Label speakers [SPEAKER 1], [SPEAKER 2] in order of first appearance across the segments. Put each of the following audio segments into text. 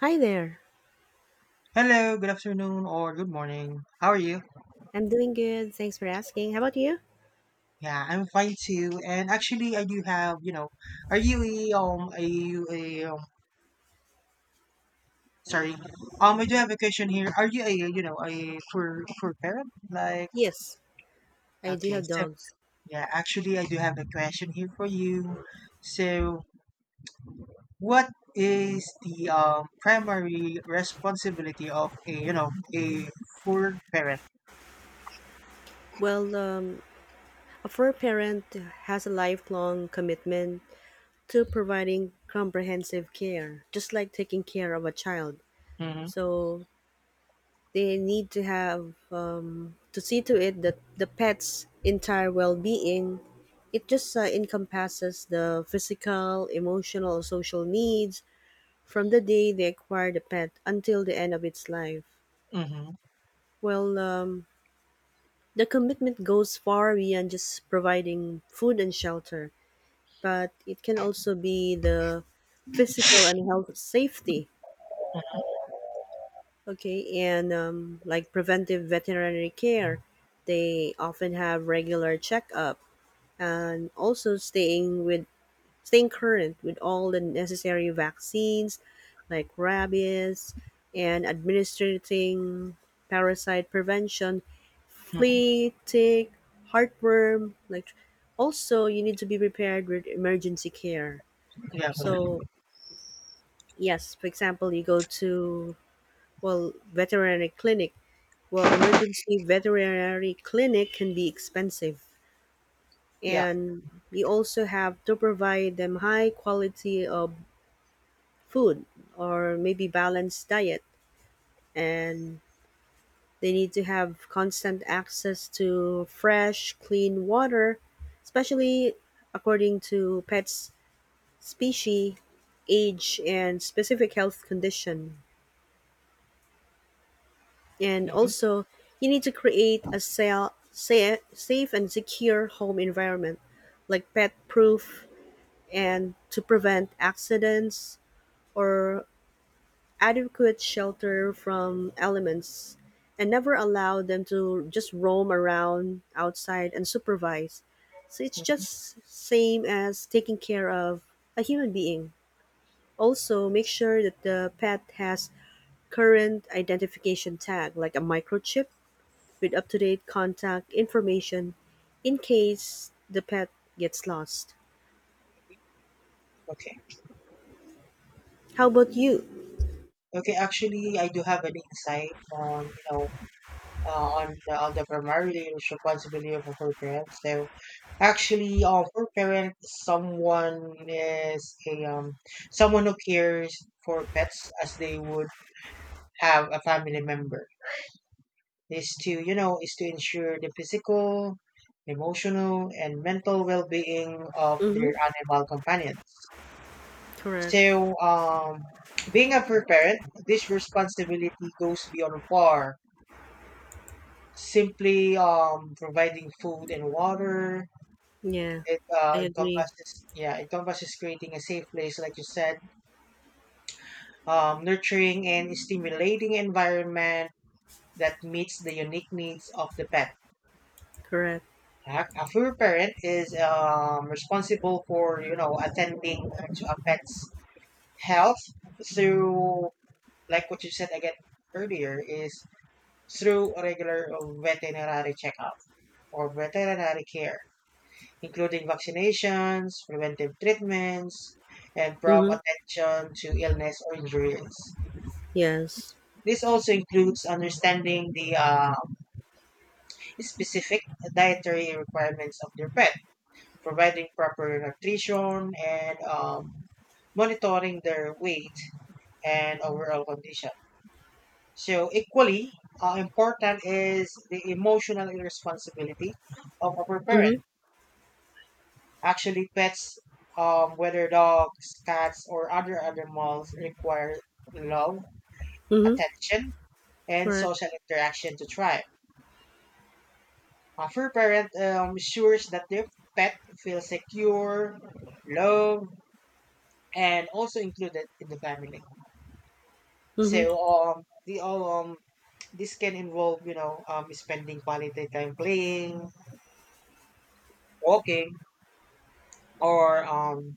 [SPEAKER 1] Hi there.
[SPEAKER 2] Hello, good afternoon or good morning. How are you?
[SPEAKER 1] I'm doing good. Thanks for asking. How about you?
[SPEAKER 2] Yeah, I'm fine too. And actually, I do have, are you a sorry, I do have a question here. Are you a a for parent? Like
[SPEAKER 1] Yes, I do
[SPEAKER 2] okay,
[SPEAKER 1] have
[SPEAKER 2] so
[SPEAKER 1] dogs.
[SPEAKER 2] yeah, actually, I do have a question here for you. So, what is the primary responsibility of a a full parent?
[SPEAKER 1] Well, a fur parent has a lifelong commitment to providing comprehensive care, just like taking care of a child.
[SPEAKER 2] Mm-hmm,
[SPEAKER 1] So they need to have to see to it that the pet's entire well-being. It just encompasses the physical, emotional, social needs from the day they acquire the pet until the end of its life.
[SPEAKER 2] mm-hmm,
[SPEAKER 1] Well, the commitment goes far beyond just providing food and shelter, but it can also be the physical and health safety, okay, and like preventive veterinary care. They often have regular checkup and also staying current with all the necessary vaccines like rabies and administering parasite prevention,
[SPEAKER 2] mm-hmm.
[SPEAKER 1] flea, tick, heartworm. Like also, you need to be prepared with emergency care.
[SPEAKER 2] Yeah,
[SPEAKER 1] So yes, for example, you go to veterinary clinic. Well, emergency veterinary clinic can be expensive,
[SPEAKER 2] yeah.
[SPEAKER 1] and we also have to provide them high quality of food or maybe balanced diet, and they need to have constant access to fresh clean water, especially according to pets species, age, and specific health condition. And
[SPEAKER 2] Mm-hmm,
[SPEAKER 1] also you need to create a safe and secure home environment, like pet proof, and to prevent accidents, or adequate shelter from elements, and never allow them to just roam around outside unsupervised. So it's
[SPEAKER 2] mm-hmm.
[SPEAKER 1] just same as taking care of a human being. Also, make sure that the pet has current identification tag like a microchip with up-to-date contact information in case the pet gets lost.
[SPEAKER 2] Okay.
[SPEAKER 1] How about you?
[SPEAKER 2] Okay, actually, I do have an insight on, on the, primary responsibility of a parents. So, actually, for parent, someone is a someone who cares for pets as they would have a family member. Is to ensure the physical, emotional, and mental well-being of their
[SPEAKER 1] Mm-hmm.
[SPEAKER 2] animal companions.
[SPEAKER 1] Correct.
[SPEAKER 2] So, being a parent, this responsibility goes beyond war simply providing food and water.
[SPEAKER 1] Yeah,
[SPEAKER 2] It
[SPEAKER 1] I agree.
[SPEAKER 2] encompasses, yeah, it encompasses creating a safe place, like you said, nurturing and stimulating environment that meets the unique needs of the pet.
[SPEAKER 1] Correct.
[SPEAKER 2] A fur parent is responsible for attending to a pet's health through, like what you said again earlier, is through regular veterinary checkup or veterinary care including vaccinations, preventive treatments, and prompt
[SPEAKER 1] Mm-hmm.
[SPEAKER 2] attention to illness or injuries.
[SPEAKER 1] Yes.
[SPEAKER 2] This also includes understanding the specific dietary requirements of their pet, providing proper nutrition, and monitoring their weight and overall condition. So, equally important is the emotional responsibility of a
[SPEAKER 1] Mhm,
[SPEAKER 2] parent. Actually, pets, whether dogs, cats, or other animals, require love,
[SPEAKER 1] mhm,
[SPEAKER 2] attention, and
[SPEAKER 1] correct.
[SPEAKER 2] social interaction to thrive. A fur parent ensures that their pet feels secure, loved, and also included in the family. So,
[SPEAKER 1] Mhm,
[SPEAKER 2] the this can involve, spending quality time playing, walking, or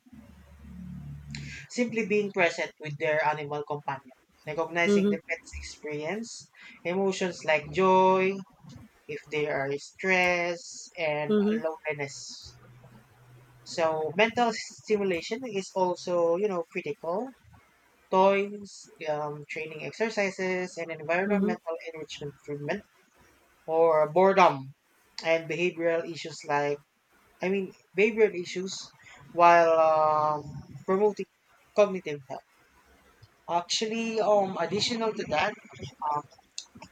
[SPEAKER 2] simply being present with their animal companion, recognizing the
[SPEAKER 1] mhm,
[SPEAKER 2] pet's experience, emotions like joy, if they are stressed, and
[SPEAKER 1] mhm,
[SPEAKER 2] loneliness. So mental stimulation is also, critical. Toys, training exercises, and
[SPEAKER 1] mhm,
[SPEAKER 2] environmental enrichment treatment or boredom and behavioral issues like, I mean, behavioral issues while um, promoting cognitive health. Actually, additional to that, um,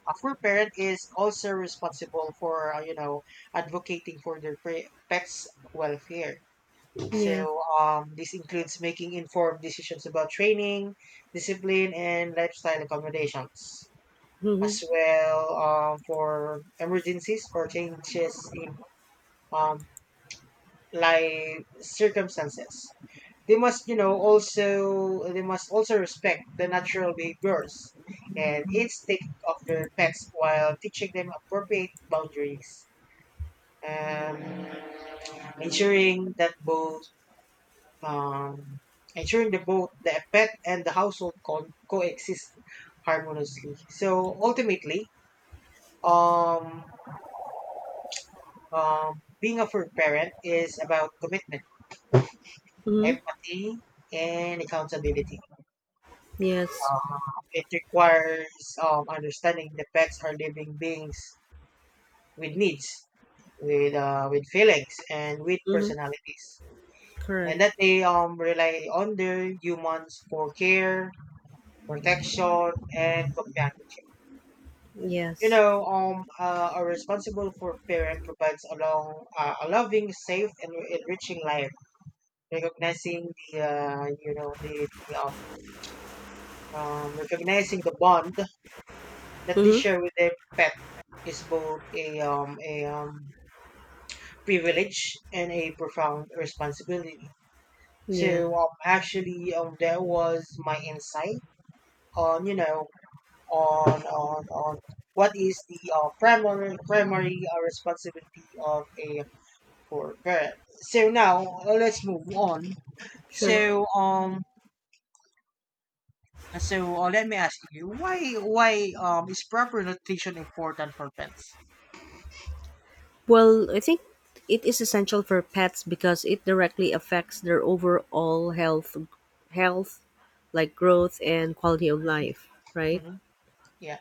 [SPEAKER 2] a fur parent is also responsible for advocating for their pets' welfare.
[SPEAKER 1] yeah.
[SPEAKER 2] So, this includes making informed decisions about training, discipline, and lifestyle accommodations,
[SPEAKER 1] Mhm,
[SPEAKER 2] as well for emergencies or changes in um, life circumstances. They must you know also they must also respect the natural behaviors and instinct of their pets while teaching them appropriate boundaries, um, ensuring that both um, ensuring the both the pet and the household coexist harmoniously. So ultimately, um, um, being a fur parent is about commitment,
[SPEAKER 1] mhm,
[SPEAKER 2] empathy, and accountability.
[SPEAKER 1] yes.
[SPEAKER 2] Um, it requires understanding the pets are living beings with needs, with feelings, and with
[SPEAKER 1] Mhm,
[SPEAKER 2] personalities,
[SPEAKER 1] correct.
[SPEAKER 2] and that they rely on their humans for care, protection, and companionship.
[SPEAKER 1] Yes.
[SPEAKER 2] A responsible for parent provides a loving, safe, and enriching life, recognizing the recognizing the bond that they
[SPEAKER 1] Mhm,
[SPEAKER 2] share with their pet is both a privilege and a profound responsibility.
[SPEAKER 1] yeah,
[SPEAKER 2] So actually, that was my insight on on what is the primary responsibility of a poor parent. So now, let's move on. So
[SPEAKER 1] sure.
[SPEAKER 2] um so let me ask you why is proper nutrition important for pets?
[SPEAKER 1] Well, I think it is essential for pets because it directly affects their overall health, like growth and quality of
[SPEAKER 2] Mm-hmm.
[SPEAKER 1] life, right?
[SPEAKER 2] Mm-hmm. Yeah.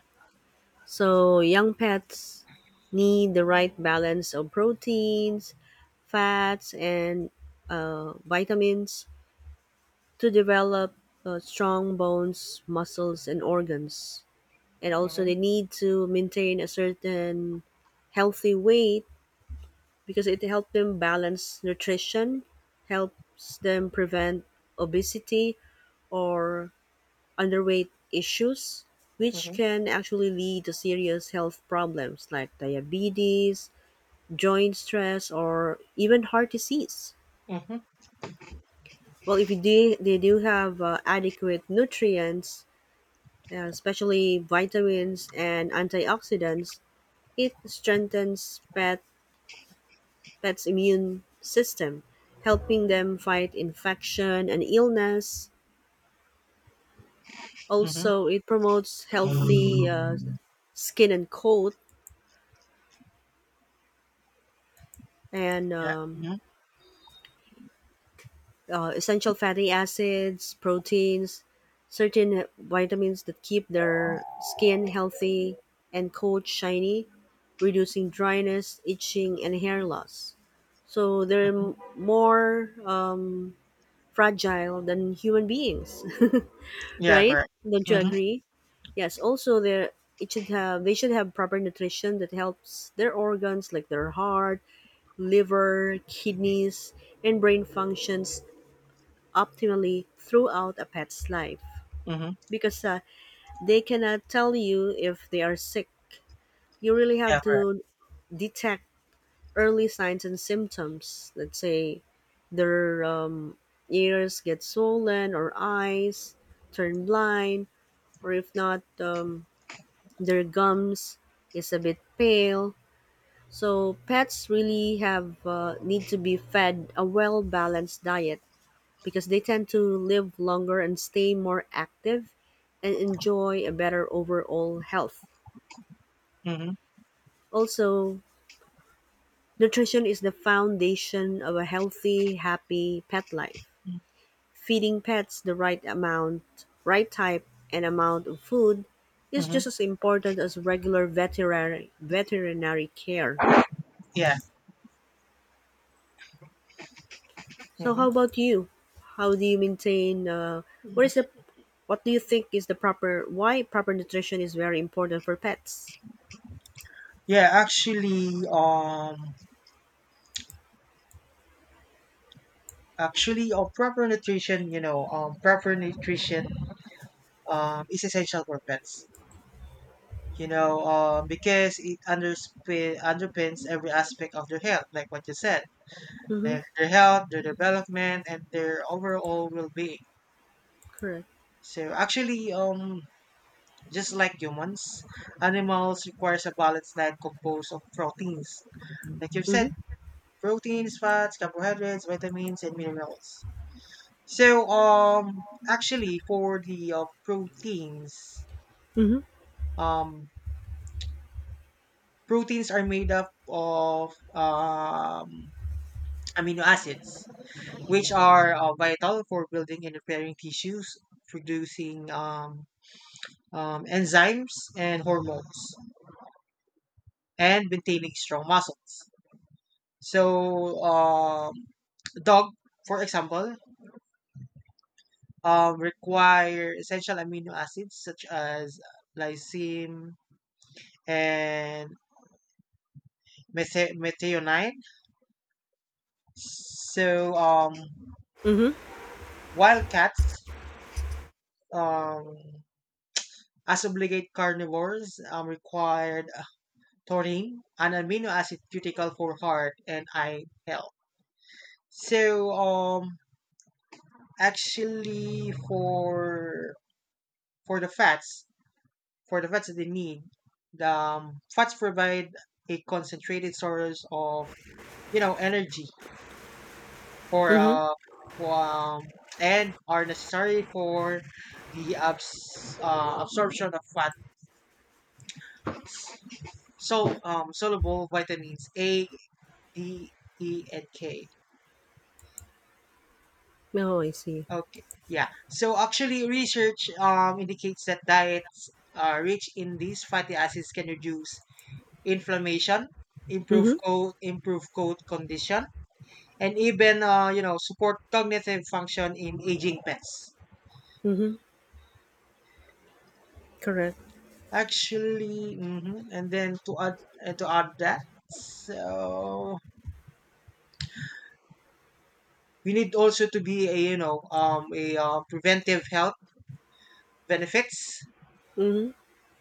[SPEAKER 1] So young pets need the right balance of proteins, fats, and vitamins to develop strong bones, muscles, and organs. And also,
[SPEAKER 2] Mm-hmm.
[SPEAKER 1] they need to maintain a certain healthy weight, because it helps them balance nutrition, helps them prevent obesity or underweight issues, which
[SPEAKER 2] Mm-hmm.
[SPEAKER 1] can actually lead to serious health problems like diabetes, joint stress, or even heart disease.
[SPEAKER 2] Mhm,
[SPEAKER 1] Well, if they do have adequate nutrients, especially vitamins and antioxidants, it strengthens pets' immune system, helping them fight infection and illness.
[SPEAKER 2] mhm.
[SPEAKER 1] Also, it promotes healthy skin and coat, and
[SPEAKER 2] Yeah. Mhm,
[SPEAKER 1] essential fatty acids, proteins, certain vitamins that keep their skin healthy and coat shiny, reducing dryness, itching, and hair loss. So they're
[SPEAKER 2] mhm.
[SPEAKER 1] more fragile than human beings,
[SPEAKER 2] Yeah,
[SPEAKER 1] right?
[SPEAKER 2] correct.
[SPEAKER 1] Don't you
[SPEAKER 2] Mhm,
[SPEAKER 1] agree? Yes. Also, they it should have they should have proper nutrition that helps their organs like their heart, liver, kidneys, and brain functions optimally throughout a pet's life,
[SPEAKER 2] mhm.
[SPEAKER 1] because they cannot tell you if they are sick. You really have
[SPEAKER 2] Yeah, correct.
[SPEAKER 1] to detect early signs and symptoms. Let's say their ears get swollen, or eyes turn blind, or if not, their gums is a bit pale. So pets really have need to be fed a well balanced diet, because they tend to live longer and stay more active and enjoy a better overall health.
[SPEAKER 2] Mhm,
[SPEAKER 1] Also, nutrition is the foundation of a healthy, happy pet life. Feeding pets the right amount, right type and amount of food is
[SPEAKER 2] mhm.
[SPEAKER 1] just as important as regular veterinary care.
[SPEAKER 2] Yeah.
[SPEAKER 1] So how
[SPEAKER 2] Mhm.
[SPEAKER 1] about you? How do you maintain what is the what do you think is the proper why proper nutrition is very important for pets?
[SPEAKER 2] Yeah, actually, proper nutrition, is essential for pets. Because it underpins every aspect of their health, like what you said,
[SPEAKER 1] Mhm.
[SPEAKER 2] their health, their development, and their overall well-being.
[SPEAKER 1] Correct.
[SPEAKER 2] So actually, just like humans, animals requires a balanced diet composed of proteins. Like you've said,
[SPEAKER 1] Mhm.
[SPEAKER 2] proteins, fats, carbohydrates, vitamins, and minerals. So, actually, for the proteins,
[SPEAKER 1] Mhm.
[SPEAKER 2] um, proteins are made up of amino acids, which are vital for building and repairing tissues, producing enzymes and hormones, and maintaining strong muscles. So, dog, for example, require essential amino acids such as lysine and methionine. So,
[SPEAKER 1] Mhm.
[SPEAKER 2] while cats, um, as obligate carnivores, required taurine, an amino acid critical for heart and eye health. So, actually, for the fats, that they need. The fats provide a concentrated source of energy for
[SPEAKER 1] Mhm.
[SPEAKER 2] uh for and are necessary for the absorption of fat. So soluble vitamins A, D, E, and K.
[SPEAKER 1] Oh, I see.
[SPEAKER 2] Okay, yeah. So actually, research indicates that diets rich in these fatty acids can reduce inflammation,
[SPEAKER 1] Mhm.
[SPEAKER 2] improve coat condition, and even support cognitive function in aging pets
[SPEAKER 1] Mhm. Correct.
[SPEAKER 2] actually. Mhm. And then to add that, so we need also to be a you know a preventive health benefits.
[SPEAKER 1] Mhm.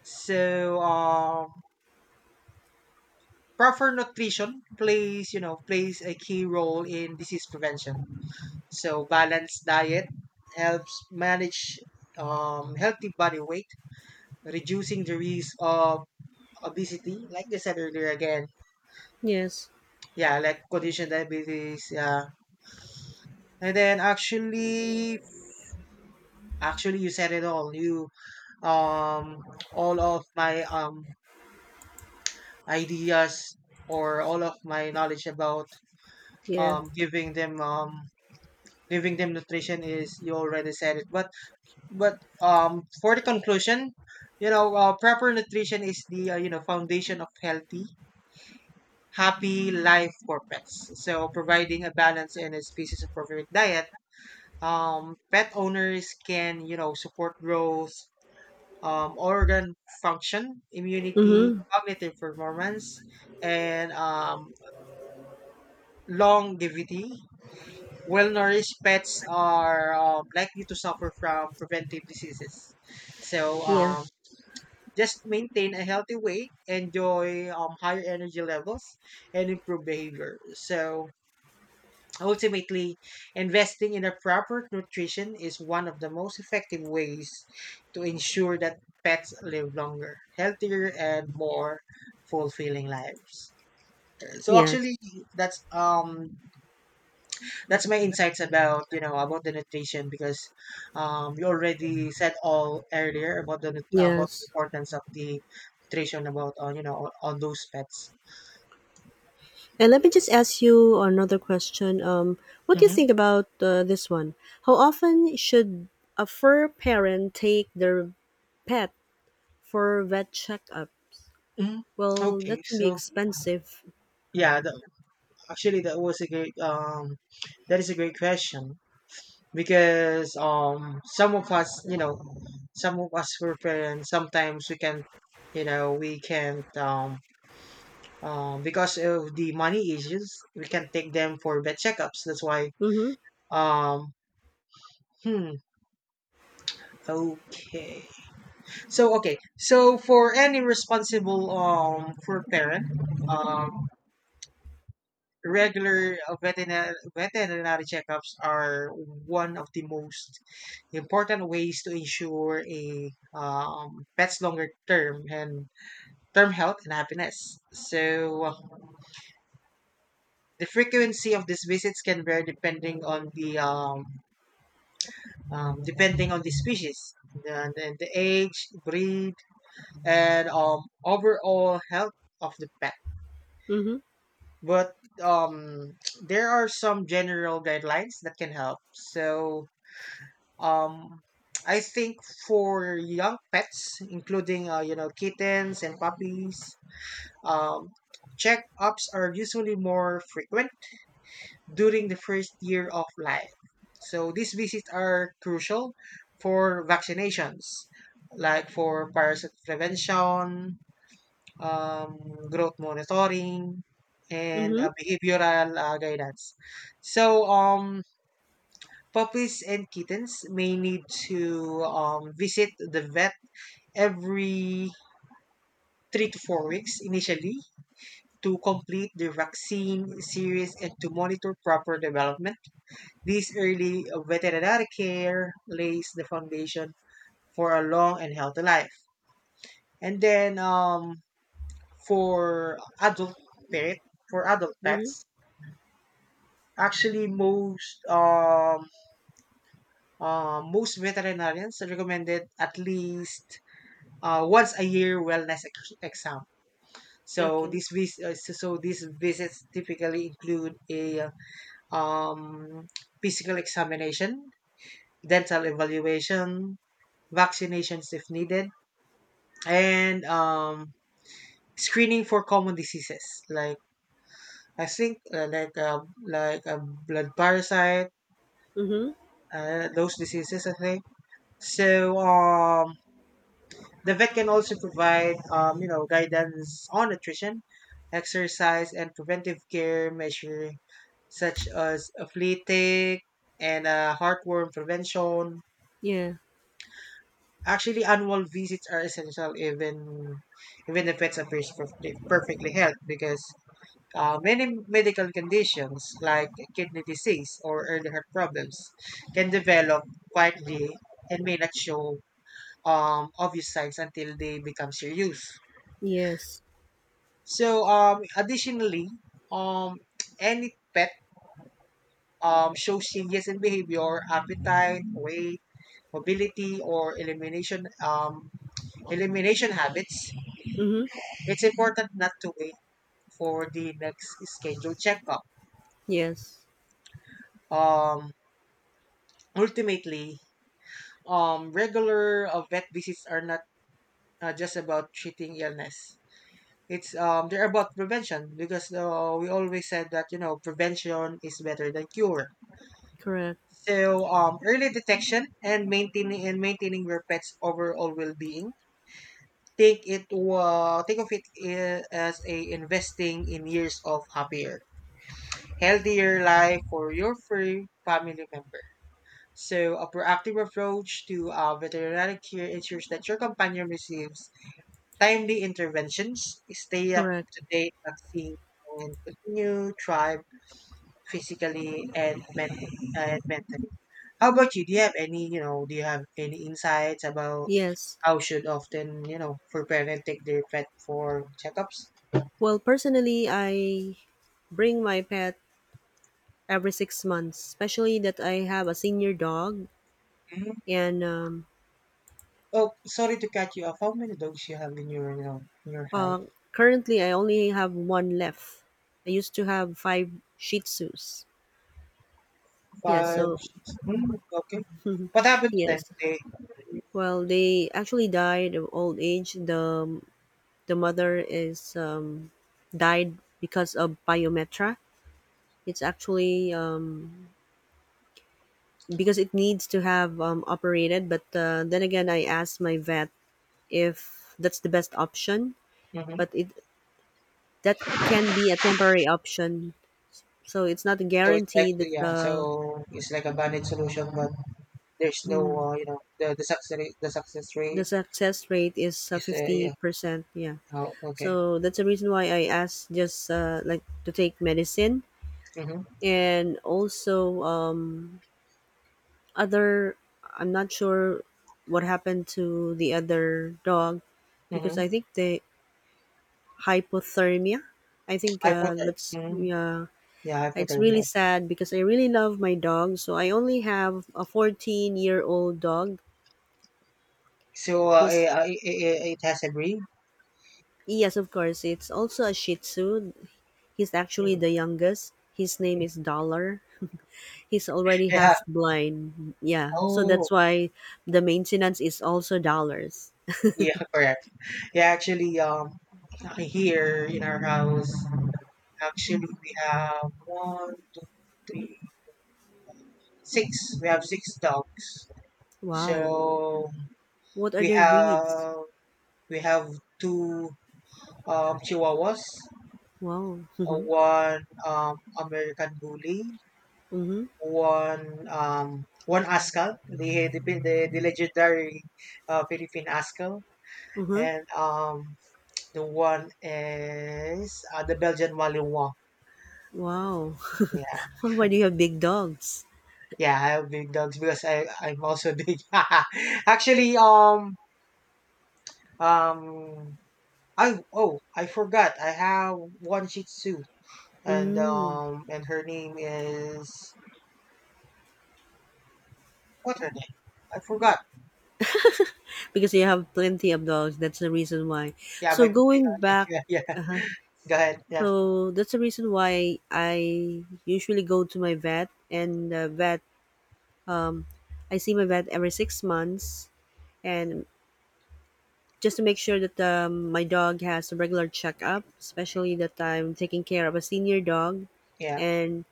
[SPEAKER 2] So proper nutrition plays you know plays a key role in disease prevention, so balanced diet helps manage healthy body weight, reducing the risk of obesity, like they said earlier again.
[SPEAKER 1] Yes.
[SPEAKER 2] Yeah, like condition diabetes, yeah. And then actually you said it all. You um all of my ideas, or all of my knowledge about
[SPEAKER 1] Yeah.
[SPEAKER 2] um giving them um giving them nutrition is you already said it. But but for the conclusion, proper nutrition is the foundation of healthy happy life for pets. So providing a balance and a species appropriate diet, pet owners can, support growth, organ function, immunity,
[SPEAKER 1] Mhm.
[SPEAKER 2] cognitive performance, and longevity. Well-nourished pets are likely to suffer from preventive diseases. So
[SPEAKER 1] Yeah.
[SPEAKER 2] just maintain a healthy weight, enjoy higher energy levels, and improve behavior. So ultimately, investing in the proper nutrition is one of the most effective ways to ensure that pets live longer, healthier, and more fulfilling lives. So
[SPEAKER 1] Yes.
[SPEAKER 2] actually, that's um that's my insights about about the nutrition because you already said all earlier about the about the
[SPEAKER 1] Yes.
[SPEAKER 2] importance of the nutrition about on on those pets.
[SPEAKER 1] And let me just ask you another question. What do you
[SPEAKER 2] Mm-hmm.
[SPEAKER 1] think about this one? How often should a fur parent take their pet for vet checkups?
[SPEAKER 2] Hmm.
[SPEAKER 1] Well,
[SPEAKER 2] Okay,
[SPEAKER 1] that can be
[SPEAKER 2] so
[SPEAKER 1] expensive.
[SPEAKER 2] yeah, actually, that is a great question because some of us were parents. Sometimes we can't because of the money issues, we can take them for vet checkups. That's why.
[SPEAKER 1] Mm-hmm.
[SPEAKER 2] Um, hmm. Okay. So, okay. So for any responsible for parent, um, regular veterinary checkups are one of the most important ways to ensure a pet's longer term and term health and happiness. So the frequency of these visits can vary depending on the species, the age, breed, and overall health of the pet.
[SPEAKER 1] Mm-hmm.
[SPEAKER 2] But um, there are some general guidelines that can help. So, Um, I think for young pets, including kittens and puppies, um, checkups are usually more frequent during the first year of life. So these visits are crucial for vaccinations, like for parasite prevention, um, growth monitoring, and
[SPEAKER 1] Mm-hmm.
[SPEAKER 2] behavioral guidance. So puppies and kittens may need to visit the vet every 3 to 4 weeks initially to complete the vaccine series and to monitor proper development. This early veterinary care lays the foundation for a long and healthy life. And then for adult pet, for adult
[SPEAKER 1] Mm-hmm.
[SPEAKER 2] pets, actually most veterinarians recommended at least once a year wellness exam. So
[SPEAKER 1] Okay.
[SPEAKER 2] so these visits typically include a um, physical examination, dental evaluation, vaccinations if needed, and screening for common diseases like I think like uh, blood parasite,
[SPEAKER 1] Mm-hmm.
[SPEAKER 2] those diseases I think. So the vet can also provide, guidance on nutrition, exercise, and preventive care measures such as a flea tick and heartworm prevention.
[SPEAKER 1] Yeah.
[SPEAKER 2] Actually, annual visits are essential even the pets appear perfectly healthy because many medical conditions like kidney disease or early heart problems can develop quietly and may not show obvious signs until they become serious.
[SPEAKER 1] Yes.
[SPEAKER 2] So additionally, um any pet shows changes in behavior, appetite, weight, mobility, or elimination habits.
[SPEAKER 1] Mm-hmm.
[SPEAKER 2] It's important not to wait for the next scheduled checkup.
[SPEAKER 1] Yes.
[SPEAKER 2] Um Ultimately, regular vet visits are not just about treating illness. It's they're about prevention because we always said that prevention is better than cure.
[SPEAKER 1] Correct.
[SPEAKER 2] So, early detection and maintaining your pet's overall well-being. Take it think of it as a investing in years of happier, healthier life for your free family member. So, a proactive approach to veterinary care ensures that your companion receives timely interventions, stay up
[SPEAKER 1] Correct.
[SPEAKER 2] to date vaccines, and continue thrive, physically and mentally. How about you? Do you have any, you know, do you have any insights about
[SPEAKER 1] Yes.
[SPEAKER 2] how should often, for parents take their pet for checkups?
[SPEAKER 1] Well, personally, I bring my pet every 6 months, especially that I have a senior dog,
[SPEAKER 2] Mhm.
[SPEAKER 1] and
[SPEAKER 2] Oh, sorry to cut you off. How many dogs you have in your house?
[SPEAKER 1] Uh, currently, I only have one left. I used to have five Shih Tzus. Yeah,
[SPEAKER 2] Five,
[SPEAKER 1] so
[SPEAKER 2] six. Mm, okay. What happened to them?
[SPEAKER 1] yes.
[SPEAKER 2] They,
[SPEAKER 1] Well, they actually died of old age. The mother is died because of pyometra. It's actually because it needs to have operated. But then again, I asked my vet if that's the best option.
[SPEAKER 2] hmm
[SPEAKER 1] But it, that can be a temporary option, so it's not a
[SPEAKER 2] So it's like
[SPEAKER 1] guarantee that
[SPEAKER 2] yeah,
[SPEAKER 1] the
[SPEAKER 2] so it's like a banded solution, but there's no the success rate, the success
[SPEAKER 1] the
[SPEAKER 2] rate
[SPEAKER 1] success rate is
[SPEAKER 2] is yeah.
[SPEAKER 1] 50%, yeah.
[SPEAKER 2] Oh, okay.
[SPEAKER 1] So that's the reason why I asked, just like to take medicine.
[SPEAKER 2] Mm-hmm.
[SPEAKER 1] And also, other, I'm not sure what happened to the other dog, because
[SPEAKER 2] Mm-hmm.
[SPEAKER 1] I think the hypothermia, I think
[SPEAKER 2] I put a
[SPEAKER 1] that's,
[SPEAKER 2] mm,
[SPEAKER 1] yeah.
[SPEAKER 2] yeah, I put
[SPEAKER 1] It's
[SPEAKER 2] a
[SPEAKER 1] really
[SPEAKER 2] real.
[SPEAKER 1] sad because I really love my dog, so I only have a 14-year-old dog.
[SPEAKER 2] So uh,
[SPEAKER 1] He's
[SPEAKER 2] i i i- it has a ring.
[SPEAKER 1] Yes, of course. It's also a Shih Tzu. He's actually
[SPEAKER 2] Mm.
[SPEAKER 1] the youngest. His name is Dollar. He's already
[SPEAKER 2] Yeah.
[SPEAKER 1] half blind. Yeah. So that's
[SPEAKER 2] Oh,
[SPEAKER 1] why the maintenance is also dollars.
[SPEAKER 2] yeah, correct. Yeah, actually, here in our house, actually we have one, two, three, six. We have six dogs.
[SPEAKER 1] Wow.
[SPEAKER 2] So
[SPEAKER 1] What are
[SPEAKER 2] we
[SPEAKER 1] their breeds?
[SPEAKER 2] have we have two chihuahuas,
[SPEAKER 1] Wow. Mhm.
[SPEAKER 2] one American bully,
[SPEAKER 1] Mhm.
[SPEAKER 2] one Ascal, the legendary Philippine Ascal,
[SPEAKER 1] Mhm.
[SPEAKER 2] and the one is the Belgian Malinois.
[SPEAKER 1] Wow.
[SPEAKER 2] Yeah,
[SPEAKER 1] Why do you have big dogs?
[SPEAKER 2] yeah, I have big dogs because I'm also big. Actually, um, I oh I forgot, I have one Shih Tzu,
[SPEAKER 1] Mm.
[SPEAKER 2] and her name is what her name? I forgot.
[SPEAKER 1] Because you have plenty of dogs. That's the reason why.
[SPEAKER 2] Yeah,
[SPEAKER 1] So
[SPEAKER 2] my
[SPEAKER 1] going back,
[SPEAKER 2] yeah, yeah.
[SPEAKER 1] uh
[SPEAKER 2] Go ahead. Yeah
[SPEAKER 1] so that's the reason why I usually go to my vet, and the vet I see my vet every 6 months, and just to make sure that my dog has a regular checkup, especially that I'm taking care of a senior dog,
[SPEAKER 2] yeah.
[SPEAKER 1] and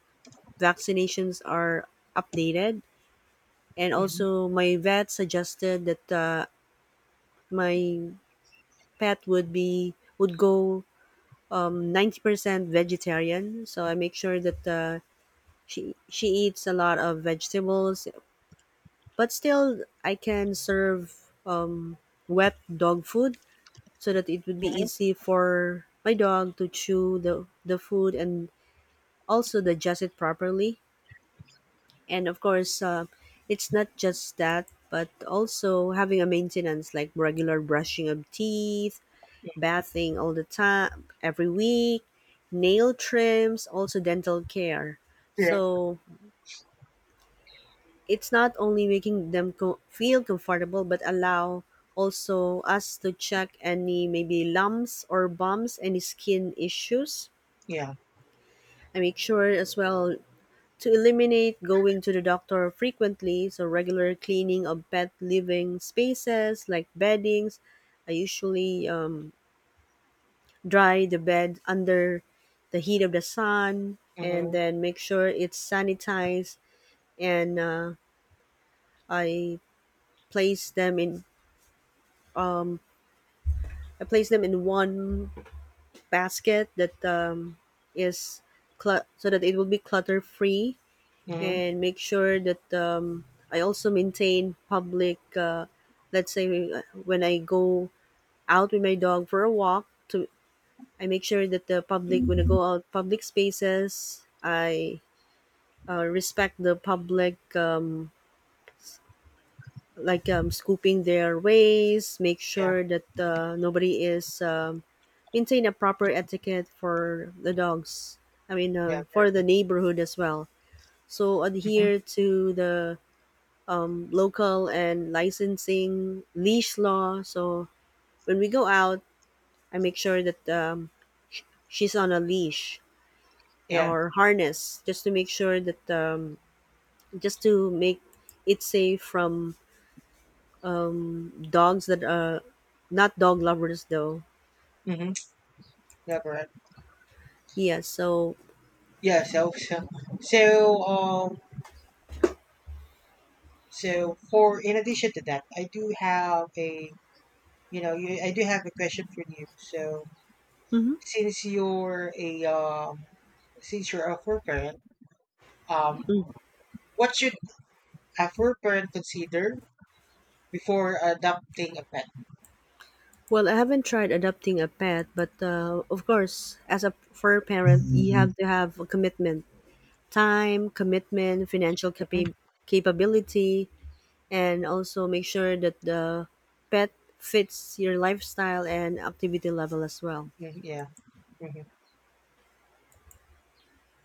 [SPEAKER 1] vaccinations are updated. And
[SPEAKER 2] Hmm.
[SPEAKER 1] also, my vet suggested that my pet would go 90% vegetarian. So I make sure that she eats a lot of vegetables, but still I can serve wet dog food, so that it would be easy for my dog to chew the food and also digest it properly. And of course, it's not just that, but also having a maintenance like regular brushing of teeth, bathing all the time, every week, nail trims, also dental care.
[SPEAKER 2] Hmm.
[SPEAKER 1] So it's not only making them feel comfortable, but allow also us to check any maybe lumps or bumps, any skin issues.
[SPEAKER 2] Yeah.
[SPEAKER 1] I make sure as well to eliminate going to the doctor frequently, so regular cleaning of pet living spaces like beddings. I usually dry the bed under the heat of the sun, and
[SPEAKER 2] Mhm.
[SPEAKER 1] then make sure it's sanitized, and I place them in um, I place them in one basket that is so that it will be clutter free,
[SPEAKER 2] Mhm.
[SPEAKER 1] and make sure that I also maintain public. Let's say when I go out with my dog for a walk, to I make sure that the public, when I go out public spaces, I respect the public. Like scooping their ways, make
[SPEAKER 2] Yeah.
[SPEAKER 1] sure that nobody is maintain a proper etiquette for the dogs. I mean,
[SPEAKER 2] Yeah.
[SPEAKER 1] for the
[SPEAKER 2] Correct.
[SPEAKER 1] neighborhood as well. So
[SPEAKER 2] Are Mhm.
[SPEAKER 1] adhere to the local and licensing leash law. So when we go out, I make sure that she's on a leash
[SPEAKER 2] Yeah.
[SPEAKER 1] or harness, just to make it safe from dogs that are not dog lovers though.
[SPEAKER 2] Mhm. Yeah. Correct.
[SPEAKER 1] Yeah. So,
[SPEAKER 2] Yeah. So so so so for in addition to that, I do have a you know you, I do have a question for you. So since you're a um since you're a fur parent, um, what should a fur parent consider before adopting a pet?
[SPEAKER 1] well, I haven't tried adopting a pet, but of course, as a fur parent, you have to have a commitment, time, commitment, financial
[SPEAKER 2] Mhm.
[SPEAKER 1] capability, and also make sure that the pet fits your lifestyle and activity level as well,
[SPEAKER 2] mm Yeah. Mhm.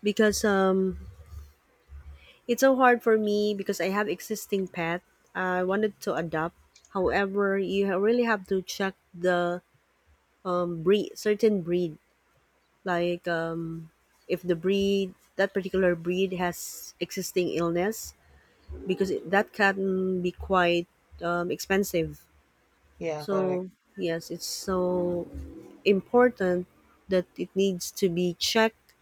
[SPEAKER 1] because it's so hard for me because I have existing pet. I wanted to adopt, however you really have to check the breed certain breed, like if the breed that particular breed has existing illness, because it, that can be quite expensive.
[SPEAKER 2] Yeah. Correct.
[SPEAKER 1] So yes, it's so important that it needs to be checked,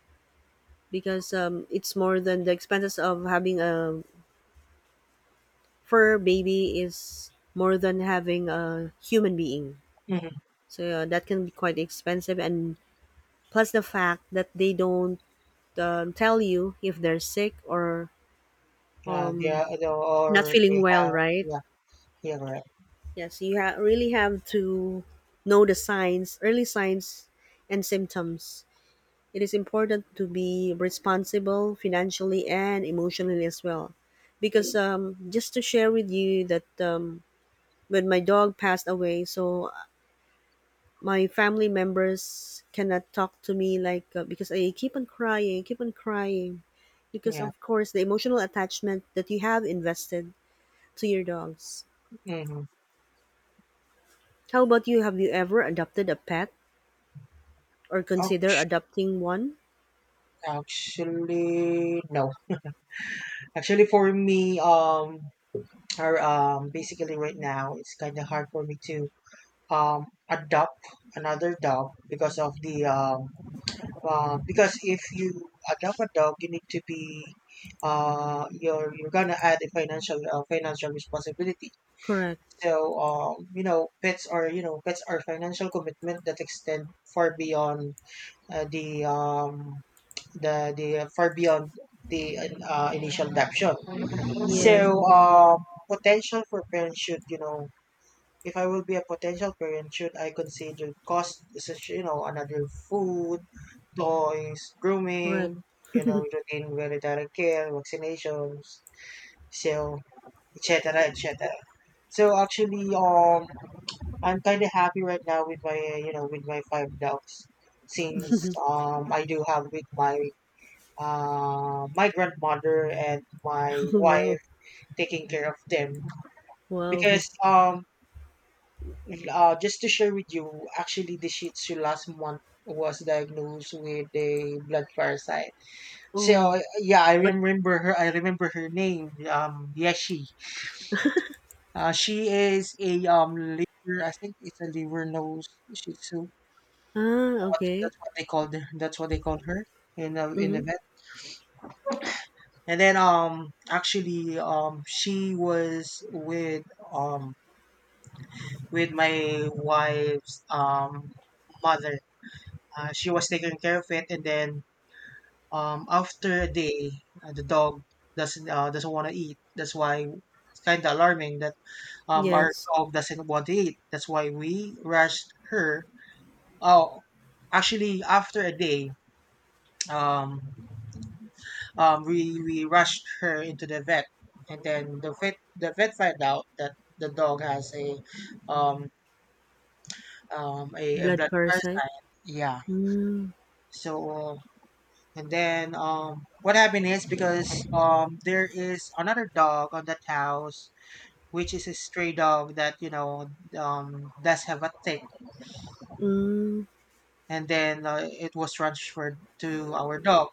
[SPEAKER 1] because it's more than the expenses of having a fur baby is more than having a human being.
[SPEAKER 2] Mm-hmm.
[SPEAKER 1] So that can be quite expensive, and plus the fact that they don't tell you if they're sick, or
[SPEAKER 2] Yeah. Yeah.
[SPEAKER 1] um, not
[SPEAKER 2] Or
[SPEAKER 1] feeling
[SPEAKER 2] they
[SPEAKER 1] well,
[SPEAKER 2] have.
[SPEAKER 1] right?
[SPEAKER 2] Yeah. Yeah. Correct.
[SPEAKER 1] Yes, you really have to know the signs, early signs, and symptoms. It is important to be responsible financially and emotionally as well. Because just to share with you that when my dog passed away, so my family members cannot talk to me, like because I keep on crying, because
[SPEAKER 2] Yeah.
[SPEAKER 1] of course the emotional attachment that you have invested to your dogs.
[SPEAKER 2] Mhm.
[SPEAKER 1] How about you? Have you ever adopted a pet or consider
[SPEAKER 2] Act-
[SPEAKER 1] adopting one?
[SPEAKER 2] Actually, no. Actually, for me, or basically right now, it's kind of hard for me to adopt another dog because of the because if you adopt a dog, you need to be you're gonna add a financial financial responsibility.
[SPEAKER 1] Correct.
[SPEAKER 2] So pets are financial commitment that extend far beyond uh, the um the far beyond the initial adoption. So,
[SPEAKER 1] Yes.
[SPEAKER 2] potential for parents should, if I will be a potential parent, should I consider cost such another food, toys,
[SPEAKER 1] Correct.
[SPEAKER 2] grooming, routine veterinary care, vaccinations, so etc. etc. So actually, I'm kind of happy right now with my you know with my five dogs since I do have with my grandmother and my
[SPEAKER 1] Wow.
[SPEAKER 2] wife taking care of them,
[SPEAKER 1] Wow.
[SPEAKER 2] because just to share with you, actually, the shih tzu last month was diagnosed with a blood parasite.
[SPEAKER 1] Oh.
[SPEAKER 2] So, yeah, i
[SPEAKER 1] But
[SPEAKER 2] remember her i remember her name, Yeshi. She is a, liver, I think it's a liver nose shih tzu.
[SPEAKER 1] ah, okay.
[SPEAKER 2] That's what they called her that's what they called her in the
[SPEAKER 1] Mhm.
[SPEAKER 2] and then actually, she was um with my wife's mother. She was taking care of it, and then after a day, the dog doesn't want to eat. That's why it's kind of alarming that our
[SPEAKER 1] Yes.
[SPEAKER 2] dog doesn't want to eat. That's why we rushed her. Oh, actually, after a day, um we rushed her into the vet, and then the vet found out that the dog has a um, a
[SPEAKER 1] Blood
[SPEAKER 2] blood
[SPEAKER 1] parasite.
[SPEAKER 2] parasite. Yeah.
[SPEAKER 1] Mm.
[SPEAKER 2] So, and then what happened is, because there is another dog on that house, which is a stray dog that does have a tick,
[SPEAKER 1] Mm.
[SPEAKER 2] and then it was transferred to our dog.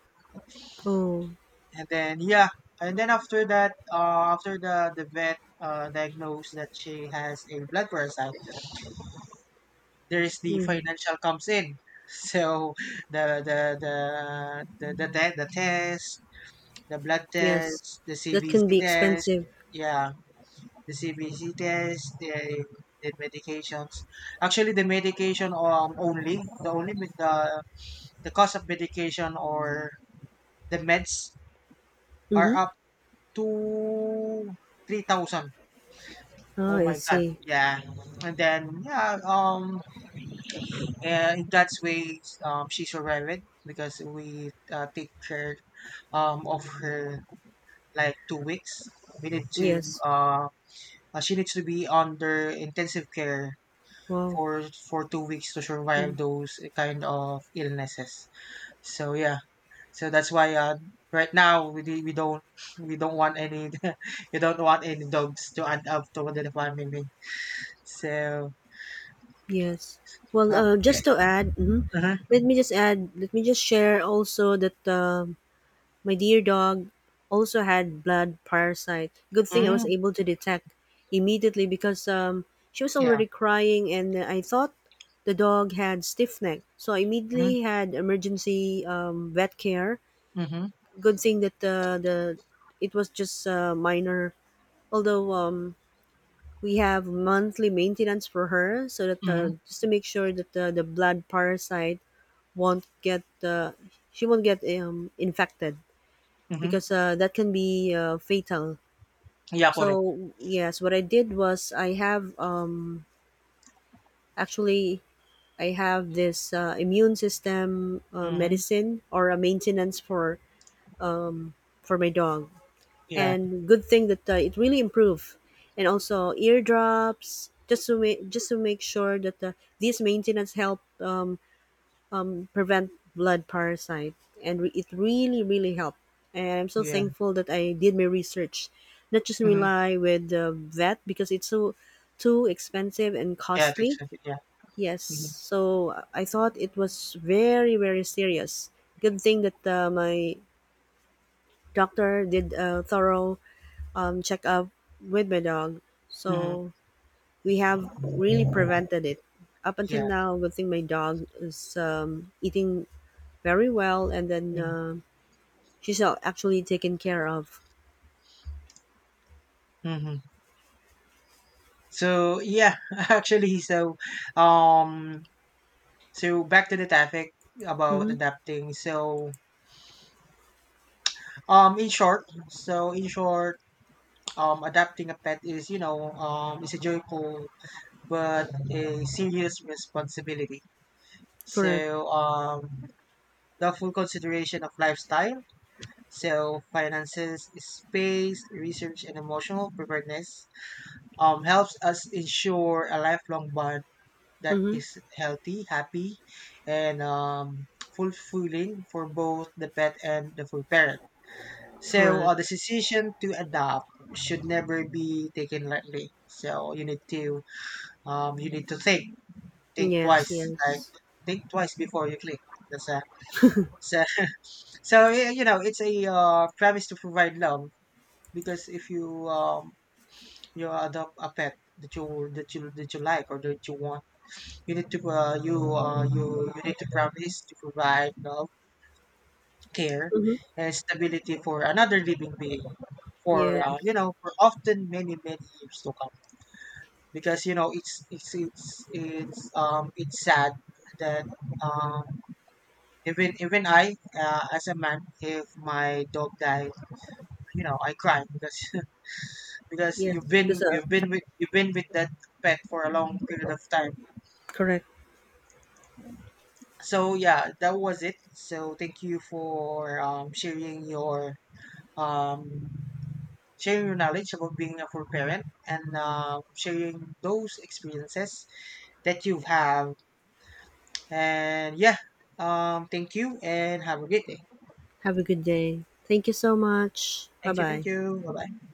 [SPEAKER 1] Oh.
[SPEAKER 2] And then yeah, and then after that, after the vet diagnosed that she has a blood parasite, there is the
[SPEAKER 1] Mm.
[SPEAKER 2] financial comes in. So the the the the test, the blood
[SPEAKER 1] Yes.
[SPEAKER 2] test, the
[SPEAKER 1] That
[SPEAKER 2] CBC
[SPEAKER 1] can be
[SPEAKER 2] test,
[SPEAKER 1] expensive.
[SPEAKER 2] yeah, the CBC test, the medications. Actually, the medication, only the cost of medication, or the meds,
[SPEAKER 1] Mm-hmm.
[SPEAKER 2] are up to 3,000.
[SPEAKER 1] Ah,
[SPEAKER 2] Oh
[SPEAKER 1] I
[SPEAKER 2] my God,
[SPEAKER 1] see.
[SPEAKER 2] yeah. And then, yeah, uh, in that way, she's survived because we take care of her like 2 weeks. We need to
[SPEAKER 1] Yes.
[SPEAKER 2] uh, she needs to be under intensive care
[SPEAKER 1] Wow.
[SPEAKER 2] for 2 weeks to survive those kind of illnesses. So, yeah, that's why right now, we don't want any we don't want any dogs to add up to the family. So,
[SPEAKER 1] Yes. Well,
[SPEAKER 2] okay.
[SPEAKER 1] just to add, mhm,
[SPEAKER 2] Uh
[SPEAKER 1] let me just share also that my dear dog also had blood parasite. Good thing I
[SPEAKER 2] huh.
[SPEAKER 1] was able to detect immediately, because she was
[SPEAKER 2] Yeah.
[SPEAKER 1] already crying and I thought the dog had stiff neck. So I
[SPEAKER 2] Mhm,
[SPEAKER 1] immediately had emergency vet care.
[SPEAKER 2] mhm,
[SPEAKER 1] Good thing that the it was just minor. Although we have monthly maintenance for her, so that
[SPEAKER 2] mhm,
[SPEAKER 1] just to make sure that the blood parasite won't get she won't get infected,
[SPEAKER 2] mhm.
[SPEAKER 1] because that can be fatal.
[SPEAKER 2] Yeah, correct.
[SPEAKER 1] So yes, what I did was I have actually I have this immune system
[SPEAKER 2] Mhm.
[SPEAKER 1] medicine or a maintenance for my dog,
[SPEAKER 2] Yeah,
[SPEAKER 1] and good thing that it really improved. And also eardrops, just to make sure that these maintenance help prevent blood parasite, and it really really helped. And I'm so
[SPEAKER 2] yeah.
[SPEAKER 1] thankful that I did my research, not just
[SPEAKER 2] Mhm.
[SPEAKER 1] rely with the vet, because it's so too expensive and
[SPEAKER 2] Yeah,
[SPEAKER 1] costly.
[SPEAKER 2] exactly. Yeah.
[SPEAKER 1] Yes,
[SPEAKER 2] Mhm.
[SPEAKER 1] so I thought it was very very serious. Good thing that my doctor did a thorough checkup with my dog,
[SPEAKER 2] Mhm.
[SPEAKER 1] so we have really prevented it up until
[SPEAKER 2] Yeah.
[SPEAKER 1] now. Good thing my dog is eating very well, and then
[SPEAKER 2] Mhm.
[SPEAKER 1] she's actually taken care of.
[SPEAKER 2] Mhm. So, yeah, actually, um, so back to the topic about
[SPEAKER 1] Mm-hmm.
[SPEAKER 2] adapting. Um, in short, so, in short, adapting a pet is you know it's a joyful but a serious responsibility.
[SPEAKER 1] Correct.
[SPEAKER 2] So um, the full consideration of lifestyle, so finances, space, research, and emotional preparedness helps us ensure a lifelong bond that
[SPEAKER 1] Mm-hmm.
[SPEAKER 2] is healthy, happy, and fulfilling for both the pet and the full parent. So
[SPEAKER 1] Correct.
[SPEAKER 2] the decision to adopt should never be taken lightly. So you need to think, think
[SPEAKER 1] Yes.
[SPEAKER 2] twice, like
[SPEAKER 1] Yes.
[SPEAKER 2] think twice before you click. That's a, so so y- you know it's a premise to provide love. Because if you adopt a pet that you that you that you like, or that you want, you need to you you you need to promise to provide you care
[SPEAKER 1] Mm-hmm.
[SPEAKER 2] and stability for another living being, for
[SPEAKER 1] Yes.
[SPEAKER 2] for often many many years to come. Because it's sad that, um even I, as a man, if my dog died, I cry, because because
[SPEAKER 1] Yes.
[SPEAKER 2] you've been you've been with you've been with that pet for a long period of time.
[SPEAKER 1] Correct.
[SPEAKER 2] So, yeah, that was it. So thank you for um, sharing your knowledge about being a full parent, and sharing those experiences that you've had. And, yeah, thank you and have a great day.
[SPEAKER 1] Have a good day. Thank you so much. Bye
[SPEAKER 2] Thank you, thank
[SPEAKER 1] bye.
[SPEAKER 2] you. Bye bye.